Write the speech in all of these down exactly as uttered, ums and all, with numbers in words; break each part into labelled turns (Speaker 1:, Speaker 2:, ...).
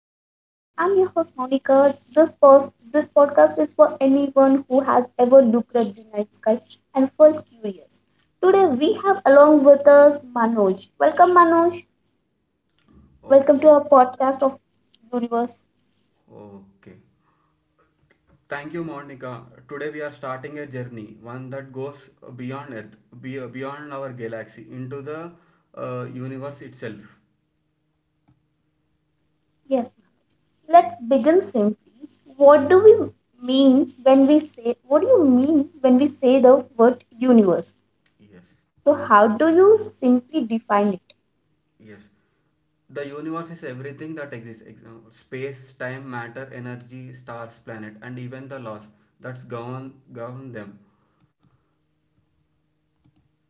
Speaker 1: of Universe. I'm your host Monica. This pos- this podcast is for anyone who has ever looked at the night sky and felt curious. Today we have along with us Manoj. Welcome Manoj. Welcome to
Speaker 2: Okay,
Speaker 1: our podcast of Universe.
Speaker 2: okay. Thank you, Monica. Today we are starting a journey, one that goes beyond Earth, be- beyond our galaxy, into the uh, universe itself.
Speaker 1: Yes. Let's begin simply. What do we mean when we say what do you mean when we say the word universe?
Speaker 2: Yes,
Speaker 1: So how do you simply define it?
Speaker 2: yes. The universe is everything that exists example, space, time, matter, energy, stars, planet, and even the laws that's govern, govern them.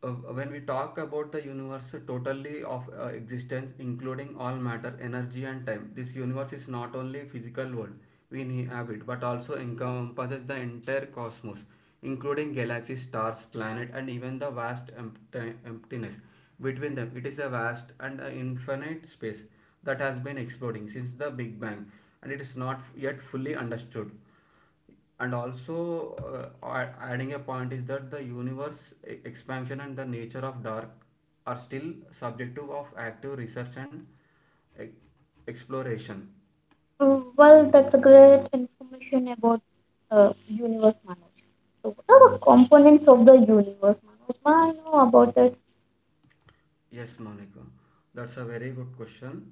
Speaker 2: uh, when we talk about the universe totally of uh, existence including all matter energy and time, this universe is not only physical world we inhabit but also encompasses the entire cosmos including galaxies stars planet and even the vast empti- emptiness between them. It is a vast and uh, infinite space that has been exploding since the big bang and it is not yet fully understood. And also uh, a- adding a point is that the universe e- expansion and the nature of dark are still subjective of active research and e- exploration.
Speaker 1: Uh, Well, that's a great information about uh, universe, Manoj. So, what are the components of the universe, Manoj? I know about it.
Speaker 2: Yes, Monica, that's a very good question.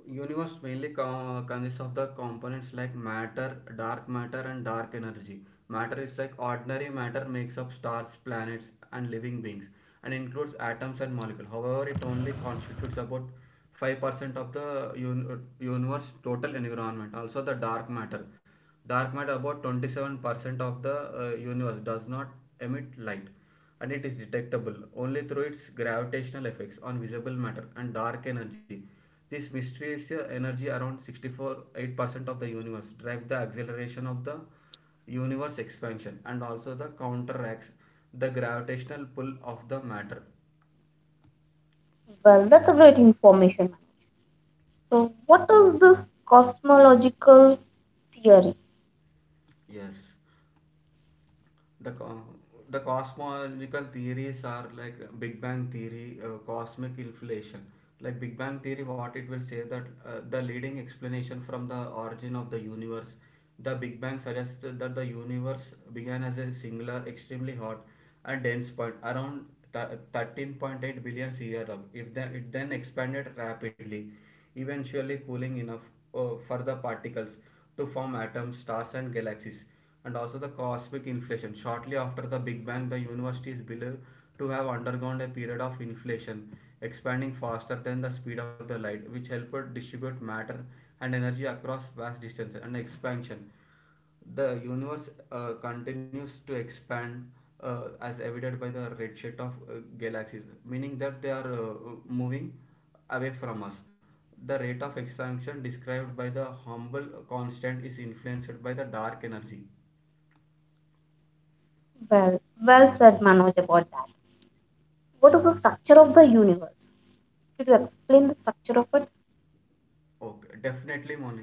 Speaker 2: Universe mainly co- consists of the components like matter, dark matter, and dark energy. Matter is like ordinary matter makes up stars, planets, and living beings, and includes atoms and molecules. However, it only constitutes about five percent of the un- universe total environment. Also, the dark matter. Dark matter about twenty-seven percent of the uh, universe does not emit light and it is detectable only through its gravitational effects on visible matter and dark energy. This mysterious energy around sixty-four point eight percent of the universe drives the acceleration of the universe expansion and also the counteracts the gravitational pull of the matter.
Speaker 1: Well, that's a great information, Manoj. So, what is this cosmological theory?
Speaker 2: Yes. the co- the cosmological theories are like big bang theory, uh, cosmic inflation. Like big bang theory, what it will say that uh, the leading explanation from the origin of the universe, the big bang suggests that the universe began as a singular extremely hot and dense point around th- thirteen point eight billion years ago. If then it then expanded rapidly, eventually cooling enough uh, for the particles to form atoms stars and galaxies. And also the cosmic inflation. Shortly after the Big Bang, the universe is believed to have undergone a period of inflation, expanding faster than the speed of the light, which helped distribute matter and energy across vast distances. And expansion, the universe uh, continues to expand uh, as evident by the redshift of uh, galaxies, meaning that they are uh, moving away from us. The rate of expansion described by the humble constant is influenced by the dark energy.
Speaker 1: Well, well said, Manoj, about that. What is the structure of the universe? Could you explain the structure of it?
Speaker 2: Okay, definitely, Monica.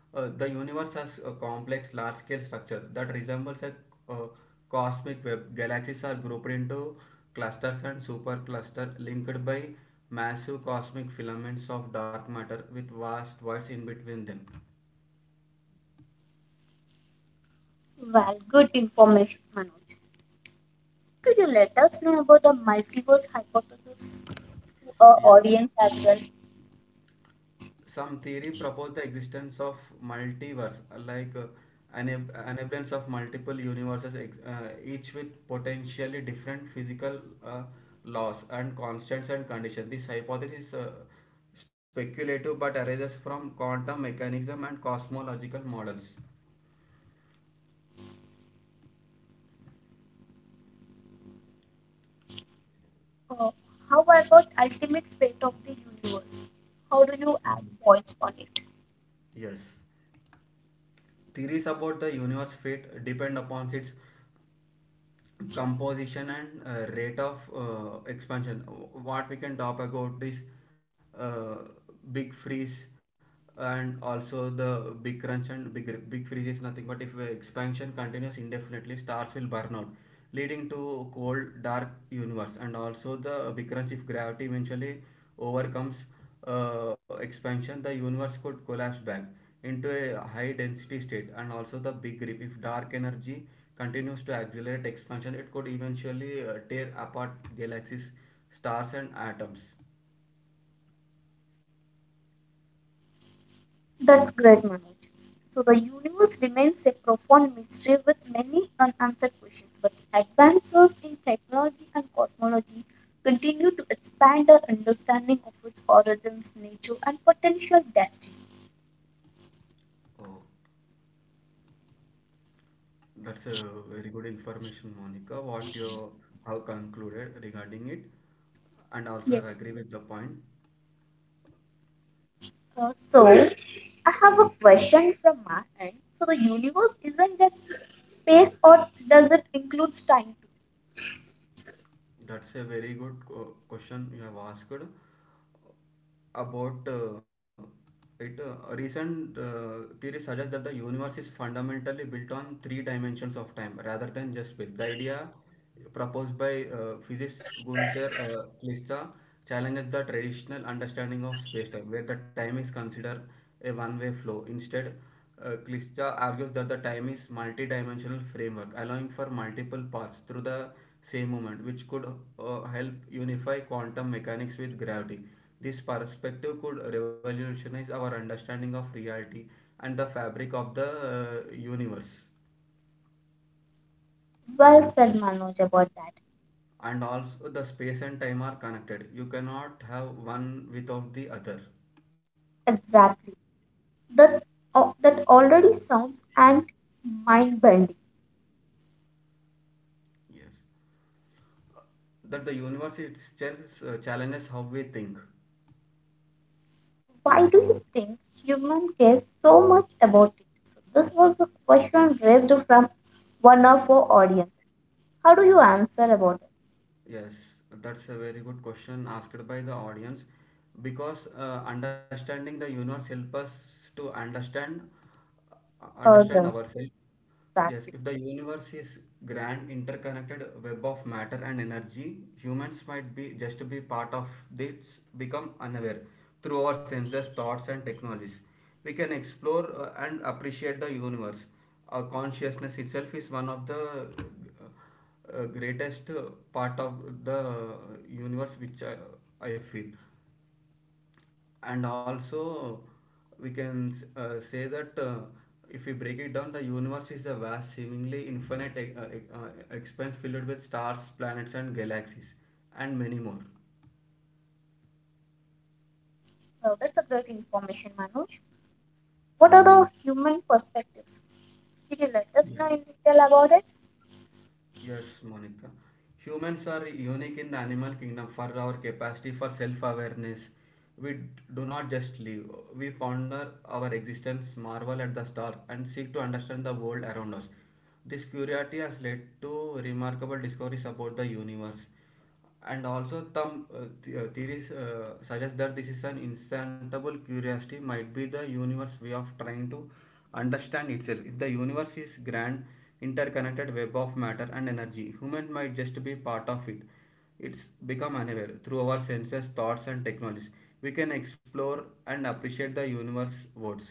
Speaker 2: Uh, the universe has a complex, large-scale structure that resembles a uh, cosmic web. Galaxies are grouped into clusters and superclusters linked by massive cosmic filaments of dark matter with vast voids in between them.
Speaker 1: Well, good information, Manoj. Could you let us know about the multiverse hypothesis to our
Speaker 2: Yes.
Speaker 1: audience as well?
Speaker 2: Some theory propose the existence of multiverse, uh, like uh, enab- enablement of multiple universes, ex- uh, each with potentially different physical uh, laws and constants and conditions. This hypothesis is uh,
Speaker 1: Yes.
Speaker 2: speculative but arises from quantum mechanism and cosmological models.
Speaker 1: Uh, how about ultimate fate of the universe? How do you add points on it?
Speaker 2: Yes, theories about the universe fate depend upon its composition and uh, rate of uh, expansion. What we can talk about is uh, big freeze and also the big crunch. And big big freeze is nothing but if uh, expansion continues indefinitely, stars will burn out, leading to cold dark universe. And also the big crunch, if gravity eventually overcomes uh, expansion, the universe could collapse back into a high density state. And also, the big rip, if dark energy continues to accelerate expansion, it could eventually uh, tear apart galaxies, stars, and atoms.
Speaker 1: That's great, Manoj. So the universe remains a profound mystery with many unanswered questions, but advances in technology and cosmology continue to expand our understanding of its origins, nature, and potential destiny.
Speaker 2: Oh, that's a very good information, Monica. What you have concluded regarding it, and also I
Speaker 1: Yes.
Speaker 2: agree with the point.
Speaker 1: Uh, so I have a question from my end. So the universe isn't just space, or does it include time?
Speaker 2: That's a very good qu- question you have asked uh, about uh, it. Uh, recent uh, theory suggests that the universe is fundamentally built on three dimensions of time rather than just space. The idea proposed by uh, physicist Gunther uh, Klista challenges the traditional understanding of space-time, where the time is considered a one-way flow. Instead, uh, Klitscha argues that the time is multi-dimensional framework, allowing for multiple paths through the same moment, which could uh, help unify quantum mechanics with gravity. This perspective could revolutionize our understanding of reality and the fabric of the uh, universe.
Speaker 1: Well said, Manoj, about that.
Speaker 2: And also, the space and time are connected. You cannot have one without the other.
Speaker 1: Exactly. That, uh, that already sounds and mind bending.
Speaker 2: Yes, that the universe itself uh, challenges how we think.
Speaker 1: Why do you think human cares so much about it? So this was a question raised from one of our audience. How do you answer about it?
Speaker 2: Yes, that's a very good question asked by the audience because uh, understanding the universe helps us to understand uh, understand
Speaker 1: Further,
Speaker 2: ourselves. Yes, if
Speaker 1: exactly.
Speaker 2: the universe is grand interconnected web of matter and energy, humans might be just be part of this become unaware through our senses, thoughts and technologies. We can explore uh, and appreciate the universe. Our consciousness itself is one of the uh, uh, greatest uh, part of the universe which uh, I feel. And also we can s- uh, say that uh, if we break it down the universe is a vast seemingly infinite e- uh, e- uh, expanse filled with stars planets and galaxies and many more.
Speaker 1: Well, that's a great information, Manoj. What are the human perspectives? Could you let us
Speaker 2: Yes.
Speaker 1: know in detail about it?
Speaker 2: Yes, Monica. Humans are unique in the animal kingdom for our capacity for self awareness. We d- do not just live, we ponder our existence, marvel at the stars, and seek to understand the world around us. This curiosity has led to remarkable discoveries about the universe. And also, some uh, the- uh, theories uh, suggest that this is an insatiable curiosity, might be the universe way of trying to understand itself. If the universe is grand, interconnected web of matter and energy, human might just be part of it. It's become unaware through our senses, thoughts, and technologies. We can explore and appreciate the universe words.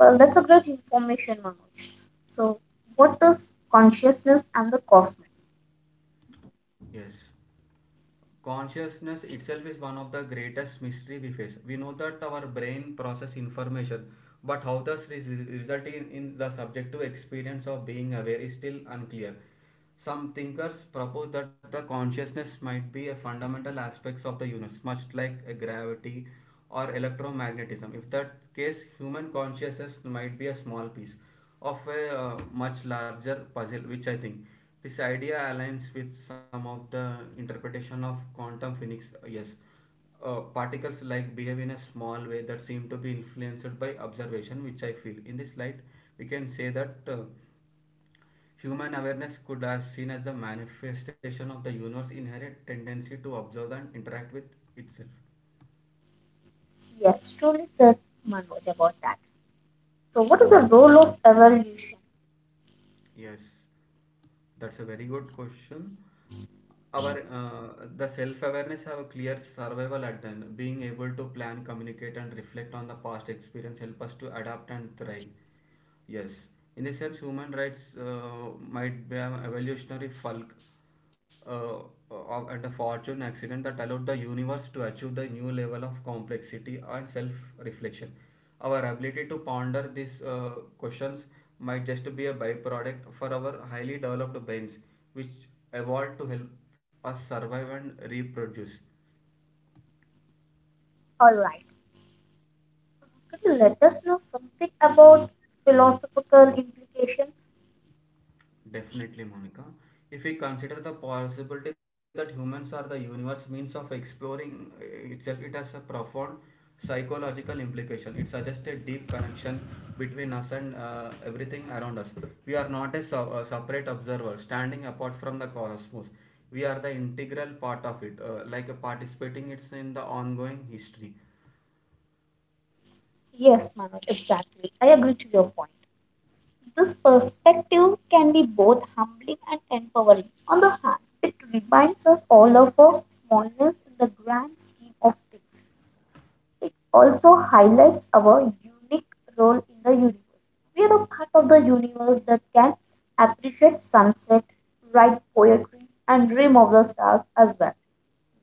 Speaker 1: Well, that's a great information, Manoj. So, what is consciousness and the cosmos?
Speaker 2: Yes. Consciousness itself is one of the greatest mystery we face. We know that our brain process information but how this res- result in, in the subjective experience of being aware is still unclear. Some thinkers propose that the consciousness might be a fundamental aspect of the universe much like a gravity or electromagnetism. If that case, human consciousness might be a small piece of a uh, much larger puzzle, which I think this idea aligns with some of the interpretation of quantum physics. Yes, uh, particles like behave in a small way that seem to be influenced by observation, which I feel. In this light, we can say that uh, human awareness could as seen as the manifestation of the universe's inherent tendency to observe and interact with itself.
Speaker 1: Yes, truly said Manoj about that. So, what is the role of evolution?
Speaker 2: Yes, that's a very good question. Our uh, the self-awareness have a clear survival at then. Being able to plan, communicate, and reflect on the past experience help us to adapt and thrive. Yes, in this sense, human rights uh, might be an evolutionary bulk uh, of, and a fortune accident that allowed the universe to achieve the new level of complexity and self reflection. Our ability to ponder these uh, questions might just be a byproduct for our highly developed brains, which evolved to help us survive and reproduce.
Speaker 1: All right. Could you let us know something about philosophical implications?
Speaker 2: Definitely, Monica. If we consider the possibility that humans are the universe means of exploring uh, itself, it has a profound psychological implication. It suggests a deep connection between us and uh, everything around us. We are not a, sub- a separate observer standing apart from the cosmos. We are the integral part of it, uh, like a participating it's in the ongoing history.
Speaker 1: Yes, Manoj, exactly. I agree to your point. This perspective can be both humbling and empowering. On the hand, it reminds us all of our smallness in the grand scheme of things. It also highlights our unique role in the universe. We are a part of the universe that can appreciate sunset, write poetry, and dream of the stars as well.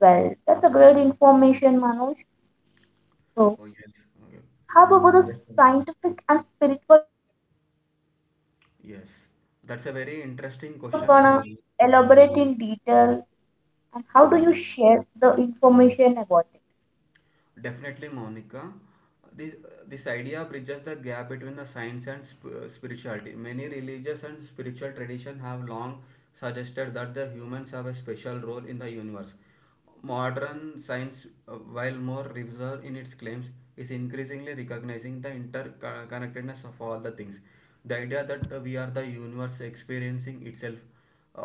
Speaker 1: Well, that's a great information, Manoj. So,
Speaker 2: Oh yes, okay.
Speaker 1: how about the
Speaker 2: yes,
Speaker 1: scientific and spiritual convergence?
Speaker 2: yes. That's a very
Speaker 1: How do you
Speaker 2: interesting question
Speaker 1: gonna
Speaker 2: you have.
Speaker 1: elaborate in detail and how do
Speaker 2: Yes.
Speaker 1: you share the information about it?
Speaker 2: Definitely, Monica. This, this idea bridges the gap between the science and sp- spirituality. Many religious and spiritual traditions have long suggested that the humans have a special role in the universe. Modern science, uh, while more reserved in its claims, is increasingly recognizing the interconnectedness of all the things. The idea that uh, we are the universe experiencing itself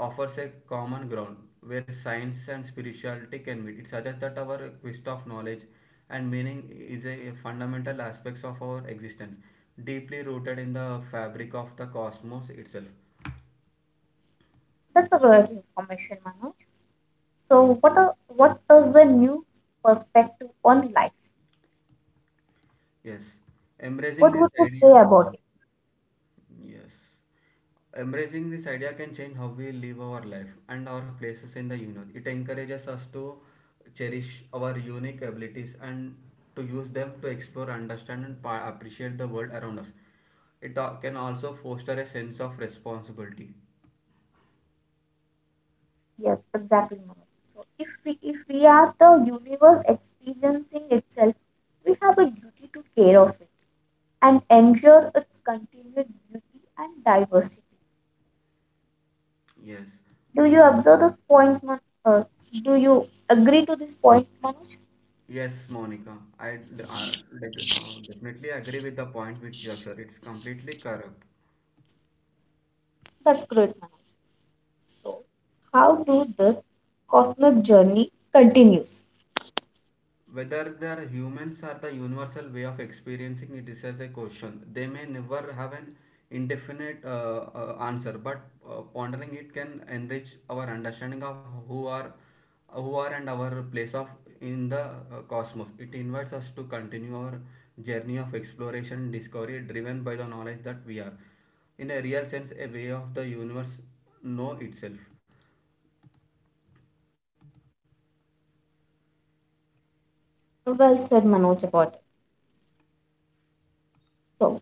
Speaker 2: offers a common ground where science and spirituality can meet. It suggests that our quest of knowledge and meaning is a fundamental aspects of our existence, deeply rooted in the fabric of the cosmos itself.
Speaker 1: That's a great information, Manoj. So, what a, what is the new perspective on life?
Speaker 2: Yes, embracing
Speaker 1: What
Speaker 2: this
Speaker 1: would you say
Speaker 2: idea. uh,
Speaker 1: about it?
Speaker 2: Yes. Embracing this idea can change how we live our life and our places in the universe. It encourages us to cherish our unique abilities and to use them to explore, understand, and pa- appreciate the world around us. It a- can also foster a sense of responsibility.
Speaker 1: Yes, exactly. Manoj. So, if we if we are the universe experiencing itself, we have a duty to care of it and ensure its continued beauty and diversity.
Speaker 2: Yes.
Speaker 1: Do you observe this point, Man- uh, Do you agree to this point, Manoj?
Speaker 2: Yes, Monica. I, d- I d- uh, definitely agree with the point which you have shared. It's completely correct.
Speaker 1: That's great, Manoj. So, how do this cosmic journey continues?
Speaker 2: Whether the humans are the universal way of experiencing it is as a question. They may never have an indefinite uh, uh, answer, but uh, pondering it can enrich our understanding of who are, who are and our place of in the uh, cosmos. It invites us to continue our journey of exploration, discovery, driven by the knowledge that we are, in a real sense, a way of the universe know itself.
Speaker 1: Well said, Manoj, about it. So,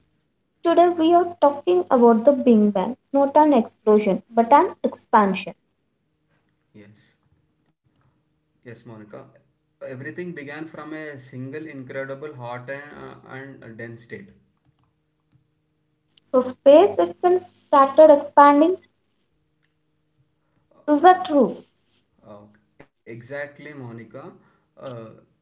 Speaker 1: today we are talking about the Big Bang, not an explosion, but an expansion.
Speaker 2: Yes. Yes, Monica. Everything began from a single incredible hot and, uh, and dense state.
Speaker 1: So space itself started expanding. Is that true?
Speaker 2: Uh, exactly, Monica. Uh,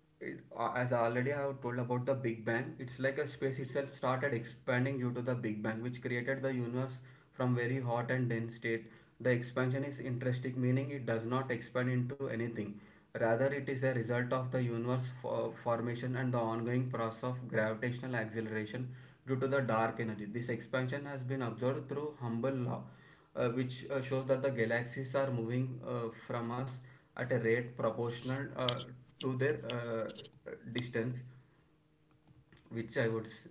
Speaker 2: it, uh, as I already have told about the Big Bang, it's like a space itself started expanding due to the Big Bang, which created the universe from very hot and dense state. The expansion is interesting, meaning it does not expand into anything. Rather, it is a result of the universe fo- formation and the ongoing process of gravitational acceleration due to the dark energy. This expansion has been observed through Hubble law, uh, which uh, shows that the galaxies are moving uh, from us at a rate proportional uh, to their uh, distance, which I would. S-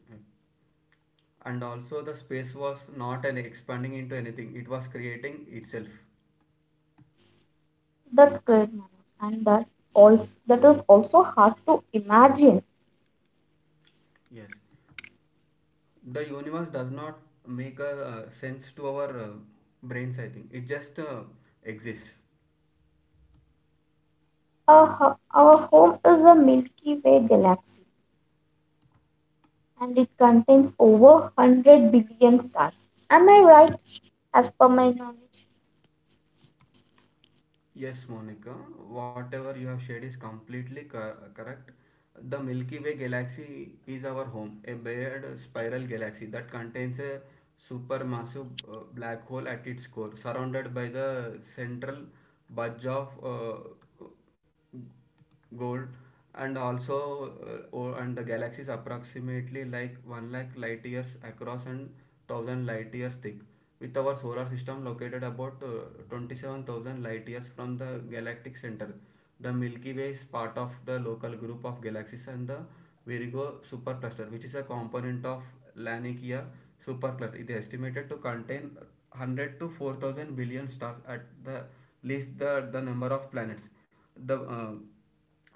Speaker 2: and also, the space was not an expanding into anything; it was creating itself.
Speaker 1: That's great, Manoj, and that also that is also hard to imagine.
Speaker 2: Yes, the universe does not make a uh, sense to our uh, brains. I think it just uh, exists.
Speaker 1: Our, ho- our home is a Milky Way galaxy, and it contains over one hundred billion stars. Am I right? As per my knowledge,
Speaker 2: Yes, Monica, whatever you have shared is completely cor- correct. The Milky Way galaxy is our home, a weird spiral galaxy that contains a supermassive uh, black hole at its core, surrounded by the central bulge of uh, gold and also uh, or, and the galaxy is approximately like one lakh light years across and one thousand light years thick with our solar system located about uh, twenty seven thousand light years from the galactic center. The Milky Way is part of the local group of galaxies and the Virgo supercluster, which is a component of Laniakea supercluster. It is estimated to contain one hundred to four thousand billion stars at the least, the, the number of planets, the uh,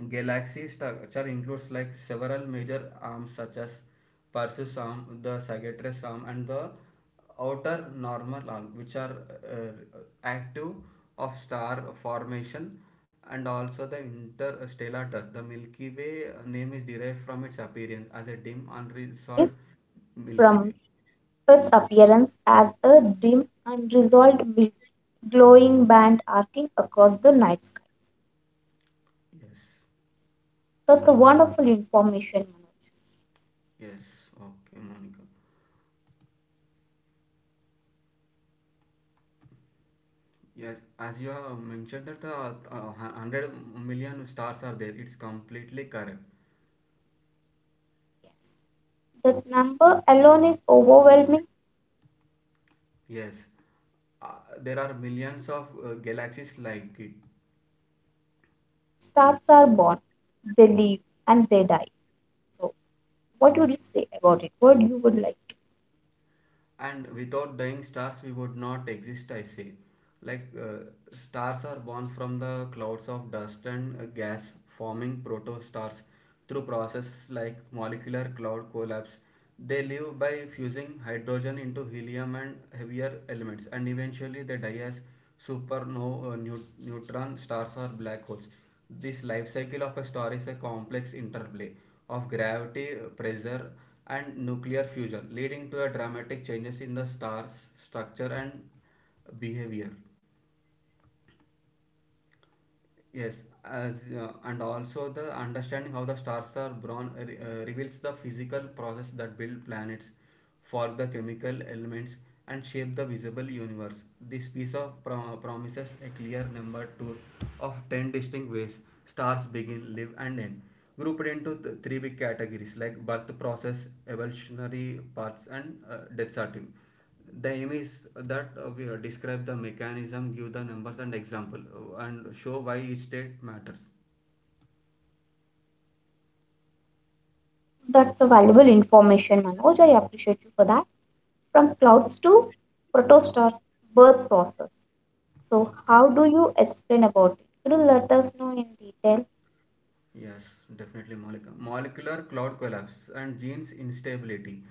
Speaker 2: galaxy structure includes like several major arms such as Perseus arm, the Sagittarius arm, and the outer normal arm, which are uh, active of star formation, and also the interstellar dust. The Milky Way uh, name is derived
Speaker 1: yes,
Speaker 2: from
Speaker 1: Manoj.
Speaker 2: its
Speaker 1: The
Speaker 2: appearance as a
Speaker 1: Milky
Speaker 2: dim,
Speaker 1: Way's name
Speaker 2: unresolved
Speaker 1: is derived
Speaker 2: Milky
Speaker 1: from
Speaker 2: Way.
Speaker 1: its appearance as a dim, unresolved mist, glowing band arcing across the night sky.
Speaker 2: Yes,
Speaker 1: That's a wonderful information, Manoj.
Speaker 2: yes, okay, Monica. Yes, as you have mentioned that the uh, hun- one hundred million stars are there, it's completely correct.
Speaker 1: Yes. That number alone is overwhelming.
Speaker 2: Yes, uh, there are millions of uh, galaxies like it.
Speaker 1: Stars are born, they live, and they die. So, what would you say about it? What you would like?
Speaker 2: And without dying stars we would not exist, I say. Like uh, stars are born from the clouds of dust and uh, gas, forming protostars through process like molecular cloud collapse. They live by fusing hydrogen into helium and heavier elements, and eventually they die as supernova, uh, neu- neutron stars or black holes. This life cycle of a star is a complex interplay of gravity, pressure, and nuclear fusion, leading to a dramatic changes in the star's structure and behavior. Yes, as uh, and also the understanding how the stars are born re- uh, reveals the physical process that build planets, form the chemical elements, and shape the visible universe. This piece of pro- promises a clear number two of ten distinct ways stars begin, live, and end, grouped into th- three big categories like birth process, evolutionary paths, and uh, death sorting. The aim is that uh, we uh, describe the mechanism, give the numbers and example, uh, and show why each state matters.
Speaker 1: That's a valuable information, Manoj. I appreciate you for that. From clouds to protostar birth process. So,
Speaker 2: Okay.
Speaker 1: how do you explain about it? Could you let us know in detail?
Speaker 2: Yes, definitely molecular, molecular cloud collapse and genes instability.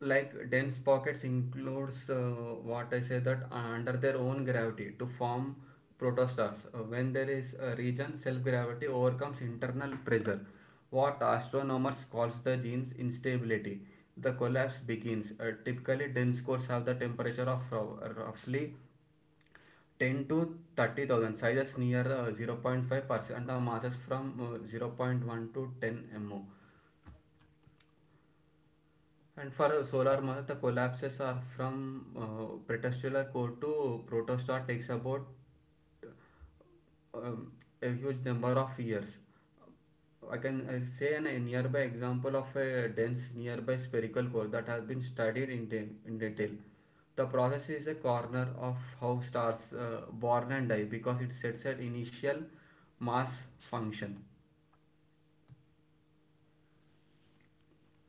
Speaker 2: Like dense pockets includes, uh, what I say, that under their own gravity to form protostars. Uh, when there is a region, self-gravity overcomes internal pressure. What astronomers calls the genes instability. The collapse begins. Uh, typically, dense cores have the temperature of rou- roughly ten to thirty thousand sizes near uh, zero point five percent the masses from uh, zero point zero point one to ten mo, and for uh, solar mass the collapses are from uh, pretestial core to protostar, takes about um, a huge number of years. I can uh, say an, a nearby example of a dense nearby spherical core that has been studied in, de- in detail. The process is a corner of how stars uh, born and die, because it sets an initial mass function.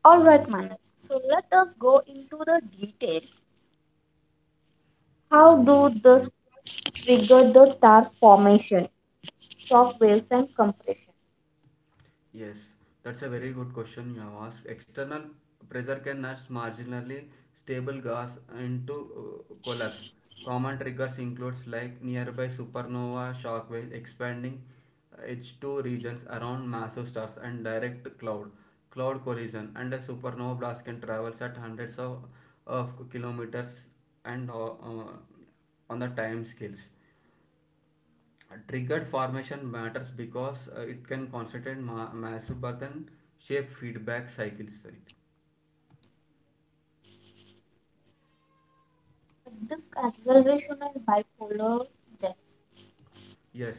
Speaker 1: All right, Manak. So let us go into the detail. How do this trigger the star formation, shock waves, and compression?
Speaker 2: Yes, that's a very good question you have asked. External pressure can nudge marginally stable gas into uh, collapse. Common triggers includes like nearby supernova shockwave, expanding H two regions around massive stars, and direct cloud cloud collision. And a supernova blast can travel at hundreds of, of kilometers and uh, uh, on the time scales. Triggered formation matters because uh, it can concentrate ma- massive burden, shape feedback cycles. Right?
Speaker 1: This acceleration and bipolar jet.
Speaker 2: Yes,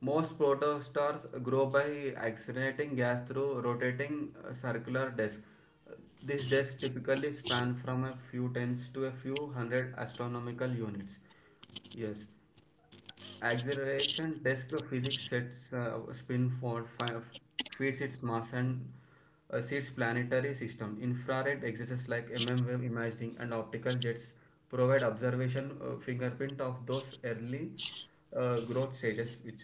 Speaker 2: most protostars grow by accelerating gas through rotating uh, circular disk. This disk typically span from a few tens to a few hundred astronomical units. Yes, acceleration disk physics sets uh, spin for five, feeds its mass and uh, seeds planetary system. Infrared exercises like mm wave imaging and optical jets provide observation uh, fingerprint of those early uh, growth stages, which.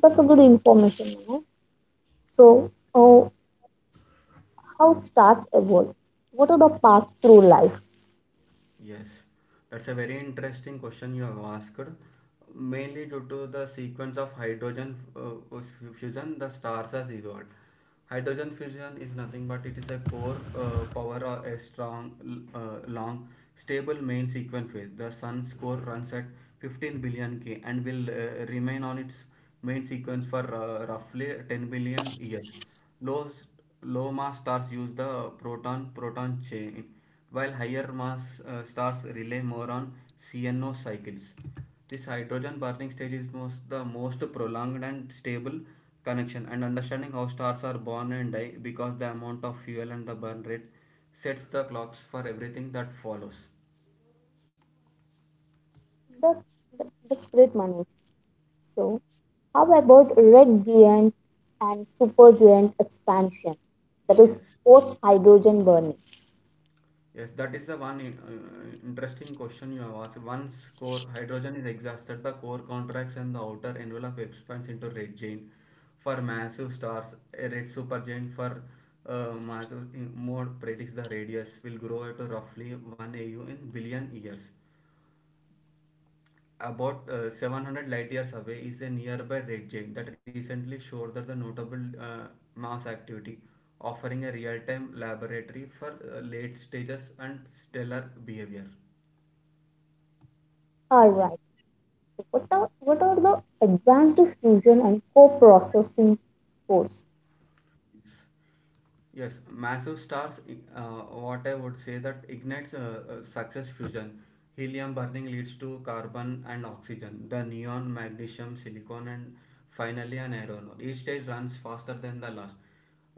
Speaker 1: That's a good information, manu. So, oh, how stars evolve? What are the paths through life?
Speaker 2: Yes, that's a very interesting question you have asked. Mainly due to the sequence of hydrogen uh, uh, fusion, the stars are zeroed. Hydrogen fusion is nothing but it is a core uh, power, or a strong, uh, long, stable main sequence phase. The sun's core runs at fifteen billion K and will uh, remain on its main sequence for uh, roughly ten billion years. Low, low mass stars use the proton-proton chain, while higher mass uh, stars rely more on C N O cycles. This hydrogen burning stage is most, the most prolonged and stable connection and understanding how stars are born and die, because the amount of fuel and the burn rate sets the clocks for everything that follows.
Speaker 1: That, that, that's great, Manoj. So, how about red giant and supergiant expansion? That is
Speaker 2: Yes.
Speaker 1: post hydrogen burning.
Speaker 2: Yes, that is the one in- uh, interesting question you have asked. Once core hydrogen is exhausted, the core contracts and the outer envelope expands into red giant. For massive stars, a red supergiant for uh, massive in- mode predicts the radius will grow at roughly one A U in billion years. About uh, seven hundred light years away is a nearby red giant that recently showed that the notable uh, mass activity, offering a real time laboratory for uh, late stages and stellar behavior.
Speaker 1: All right. What are, what are the advanced fusion and co-processing cores?
Speaker 2: Yes, massive stars, uh, what I would say that ignites uh, uh, success fusion. Helium burning leads to carbon and oxygen, the neon, magnesium, silicon, and finally an aeronol. Each stage runs faster than the last.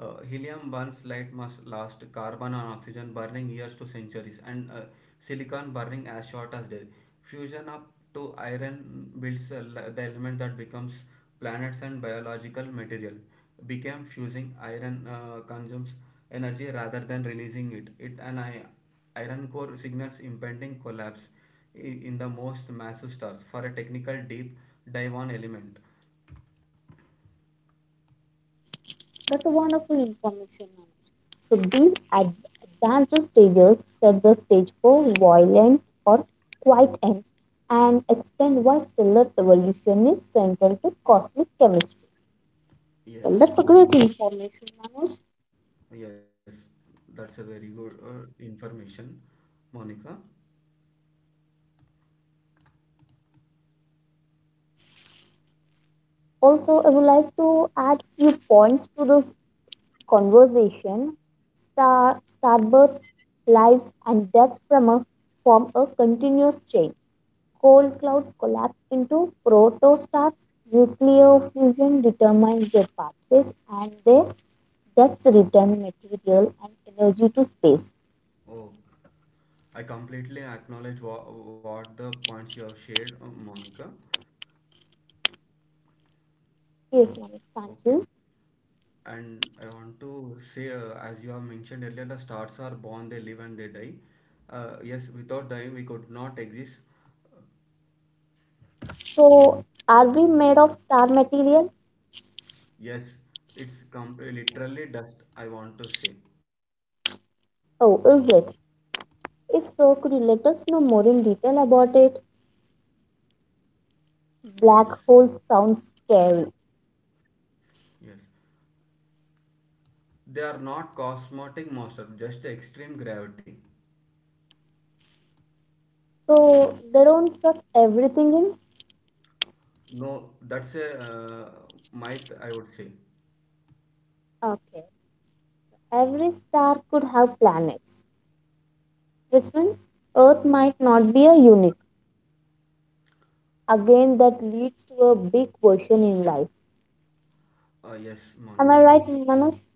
Speaker 2: Uh, helium burns light must last, carbon and oxygen burning years to centuries, and uh, silicon burning as short as day. Fusion up to iron builds uh, the element that becomes planets and biological material. Became fusing iron uh, consumes energy rather than releasing it, it an i- iron core signals impending collapse i- in the most massive stars for a technical deep dive on element.
Speaker 1: That's a wonderful information, Manoj. So these ad- advanced stages set the stage for violent or quiet ends and explain why stellar evolution is central to cosmic chemistry. Well, that's a great
Speaker 2: Yes,
Speaker 1: information,
Speaker 2: Monica.
Speaker 1: Manoj.
Speaker 2: Yes, that's a very good uh, information, Monica.
Speaker 1: Also, I would like to add few points to this conversation, star, starbursts, lives, and deaths from a, form a continuous chain. Coal clouds collapse into protostars. Nuclear fusion determines their pathways and their deaths return material and energy to space.
Speaker 2: Oh, I completely acknowledge wha- what the points you have shared, uh, Monica.
Speaker 1: Yes, Manish, thank
Speaker 2: Okay.
Speaker 1: you.
Speaker 2: And I want to say, uh, as you have mentioned earlier, the stars are born, they live, and they die. Uh, yes, without dying, we could not exist.
Speaker 1: So, are we made of star material?
Speaker 2: Yes, it's com- literally dust, I want to say.
Speaker 1: Oh, is it? If so, could you let us know more in detail about it?
Speaker 2: Yes,
Speaker 1: Black holes sound scary.
Speaker 2: yes. They are not cosmetic monsters, just extreme gravity.
Speaker 1: So they don't suck everything in?
Speaker 2: No, that's a, uh, myth, I would say.
Speaker 1: Okay. Every star could have planets, which means Earth might not be a unique. Again, that leads to a big question in life.
Speaker 2: Uh, yes,
Speaker 1: Am I
Speaker 2: Monica.
Speaker 1: right, Manoj?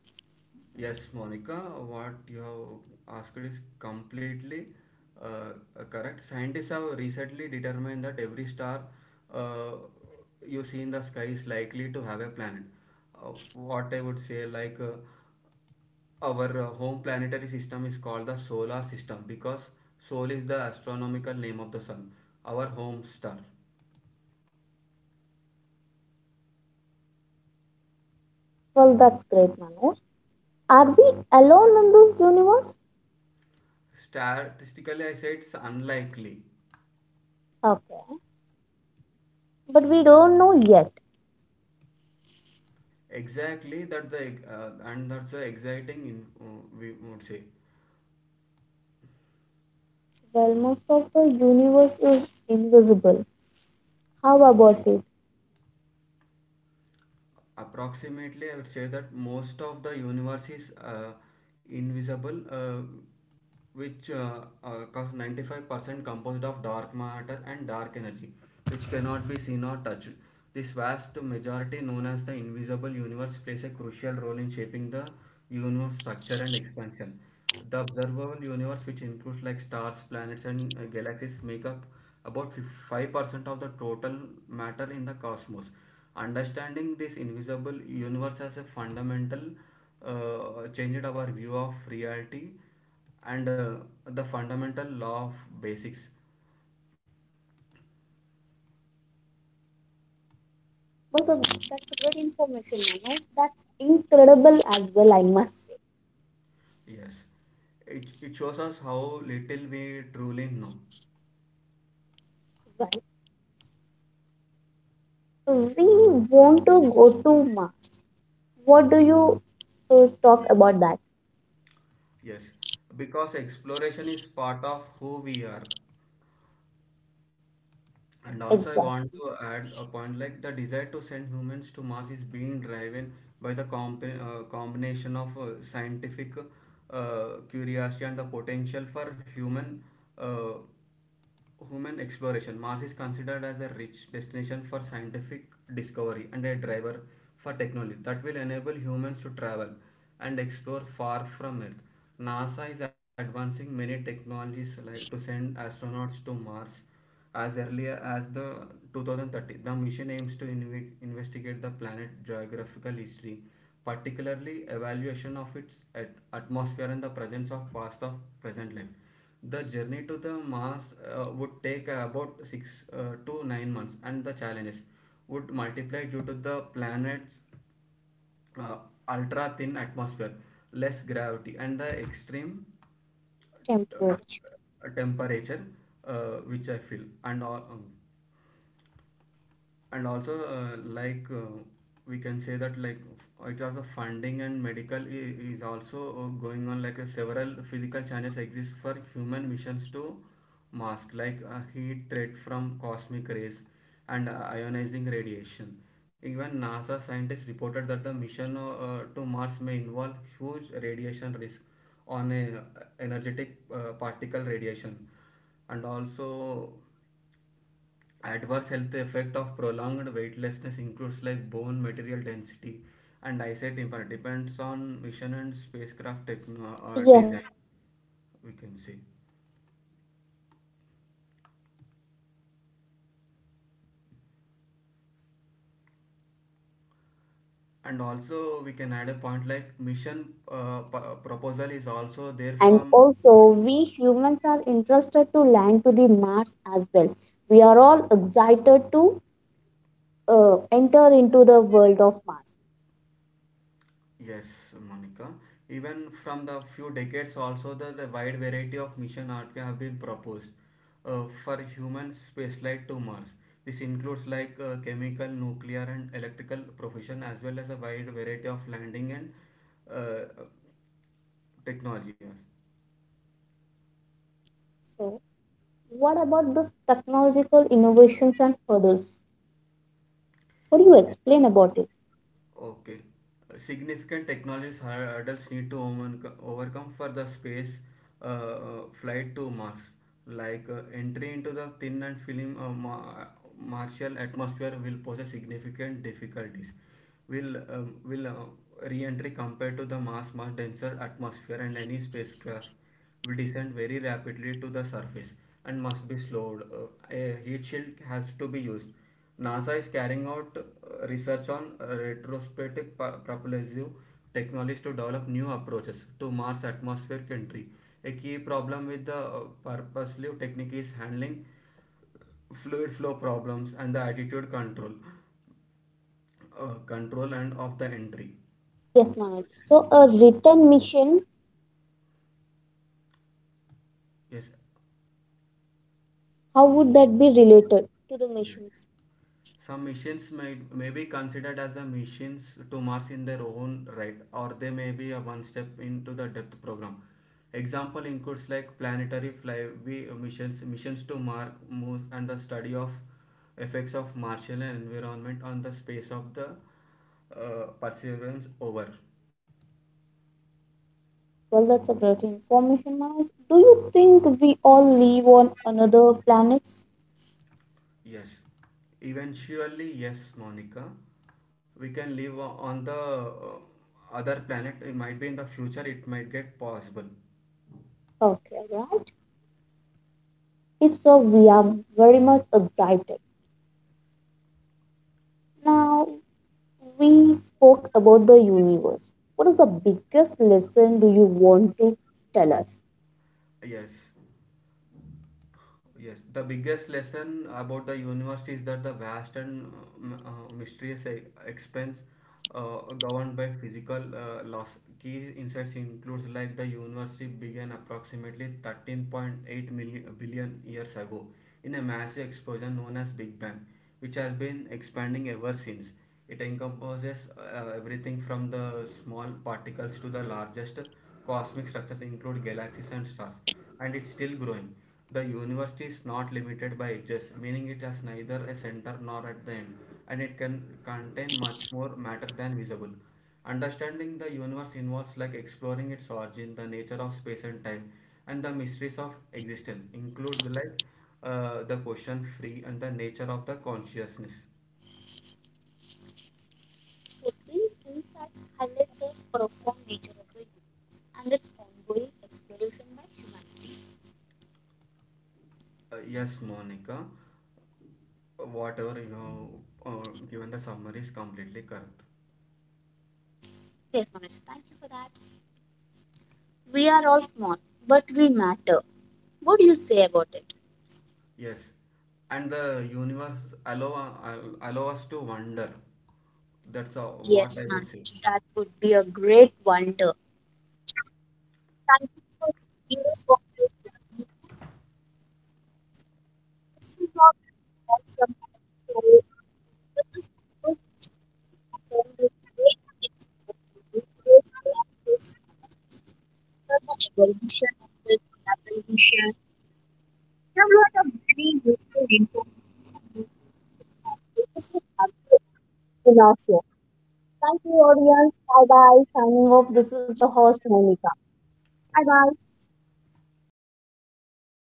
Speaker 2: Yes, Monica, what you have asked is completely uh, correct. Scientists have recently determined that every star uh, you see in the sky is likely to have a planet. Uh, what I would say, like uh, our uh, home planetary system is called the solar system, because sol is the astronomical name of the sun, our home star.
Speaker 1: Well, that's great, Manoj. Are we alone in this universe?
Speaker 2: Statistically, I say it's unlikely.
Speaker 1: Okay. But we don't know yet.
Speaker 2: Exactly that the, uh, and that's the exciting in, uh, we would say.
Speaker 1: Well, most of the universe is invisible. How about it?
Speaker 2: Approximately, I would say that most of the universe is uh, invisible, uh, which uh, uh, ninety five percent composed of dark matter and dark energy, which cannot be seen or touched. This vast majority, known as the invisible universe, plays a crucial role in shaping the universe structure and expansion. The observable universe, which includes like stars, planets, and uh, galaxies, make up about five percent of the total matter in the cosmos. Understanding this invisible universe as a fundamental uh, changed our view of reality and uh, the fundamental law of basics.
Speaker 1: Also, that's great information, Manoj. That's incredible as well, I must say.
Speaker 2: Yes, it, it shows us how little we truly know.
Speaker 1: Well, we want to go to Mars. What do you uh, talk about that?
Speaker 2: Yes, because exploration is part of who we are. And also, I want
Speaker 1: Exact
Speaker 2: to add a point like the desire to send humans to Mars is being driven by the comp- uh, combination of uh, scientific uh, curiosity and the potential for human, uh, human exploration. Mars is considered as a rich destination for scientific discovery and a driver for technology that will enable humans to travel and explore far from Earth. NASA is advancing many technologies like to send astronauts to Mars as early as the twenty thirty, the mission aims to inve- investigate the planet's geographical history, particularly evaluation of its at- atmosphere and the presence of past of present life. The journey to the Mars uh, would take about six uh, to nine months, and the challenges would multiply due to the planet's uh, ultra thin atmosphere, less gravity, and the extreme
Speaker 1: temperature.
Speaker 2: t- temperature, uh, which I feel, and all. Um, and also uh, like uh, we can say that like f- it also funding and medical i- is also uh, going on. Like uh, several physical challenges exist for human missions to Mars, like a heat threat from cosmic rays and uh, ionizing radiation. Even NASA scientists reported that the mission uh, to Mars may involve huge radiation risk on a energetic uh, particle radiation, and also adverse health effect of prolonged weightlessness includes like bone material density and eyesight impairment depends on mission and spacecraft techno- uh,
Speaker 1: Yes,
Speaker 2: design,
Speaker 1: ma'am. So, s-
Speaker 2: we can say.
Speaker 1: psychological and sociological effect theories also like they discover discovered many things and they have researched
Speaker 2: And also we
Speaker 1: everything
Speaker 2: can add a
Speaker 1: about the
Speaker 2: point like
Speaker 1: universe,
Speaker 2: mission
Speaker 1: about the
Speaker 2: uh, p-
Speaker 1: stars, about the
Speaker 2: proposal is
Speaker 1: galaxies,
Speaker 2: also there
Speaker 1: and
Speaker 2: from.
Speaker 1: also we humans are interested to land to the Mars as well. We are all excited to uh, enter into the world of Mars.
Speaker 2: Yes, Monica. Even from the few decades also, the, the wide variety of mission art have been proposed uh, for human spaceflight to Mars. This includes like uh, chemical, nuclear, and electrical profession, as well as a wide variety of landing and uh, technologies.
Speaker 1: So, what about this technological innovations and hurdles? What do you explain about it?
Speaker 2: Okay. Significant technologies hurdles need to overcome overcome for the space uh, uh, flight to Mars, like uh, entry into the thin and film uh, ma- Martian atmosphere will pose a significant difficulties. Will um, will uh, re-entry compared to the Mars much denser atmosphere, and any spacecraft will descend very rapidly to the surface and must be slowed. Uh, a heat shield has to be used. NASA is carrying out uh, research on retrospective pu- propulsive technologies to develop new approaches to Mars atmospheric entry. A key problem with the uh, purposive technique is handling fluid flow problems and the attitude control, uh, control and of the entry.
Speaker 1: Yes, Manoj. So, a return mission,
Speaker 2: Yes,
Speaker 1: how would that be related to the
Speaker 2: yes.
Speaker 1: missions?
Speaker 2: Some missions may, may be considered as the missions to Mars in their own right, or they may be a one step into the depth program. Example includes like planetary flyby missions, missions to Mars, moons, and the study of effects of Martian environment on the space of the, uh, Perseverance. Over.
Speaker 1: Well, that's a great information, Manoj. Do you think we all live on another planets?
Speaker 2: Yes. Eventually, yes, Monica. We can live on the uh, other planet. It might be in the future. It might get possible.
Speaker 1: Okay, right. If so, we are very much excited. Now, we spoke about the universe. What is the biggest lesson do you want to tell us?
Speaker 2: Yes. Yes, the biggest lesson about the universe is that the vast and uh, uh, mysterious e- expanse uh, governed by physical uh, laws. Key insights includes like the universe began approximately thirteen point eight million, uh, billion years ago in a massive explosion known as Big Bang, which has been expanding ever since. It encompasses uh, everything from the small particles to the largest cosmic structures, include galaxies and stars, and it's still growing. The university is not limited by ages, meaning it has neither a center nor at the end, and it can contain much more matter than visible. Understanding the universe involves like exploring its origin, the nature of space and time, and the mysteries of existence, include like uh, the question free and the nature of the consciousness.
Speaker 1: So these insights highlight the profound nature of the universe and its ongoing exploration by humanity.
Speaker 2: Uh, yes, Monica, whatever you know, uh, given the summary is completely correct.
Speaker 1: Yes, Manoj, thank you for that. We are all small, but we matter. What do you say about it?
Speaker 2: Yes, and the universe allow uh, allow us to wonder. That's uh, what
Speaker 1: Yes,
Speaker 2: I would say.
Speaker 1: Manoj, that would be a great wonder. Thank you for giving us what this is. This is not awesome. So, but this is book, I found it great experience. It is the evolution of it, evolution. We have a lot of very useful information. This is Aditya Vinasya. Thank you, audience. Bye bye. Signing off. This is your host, Monica. Bye bye.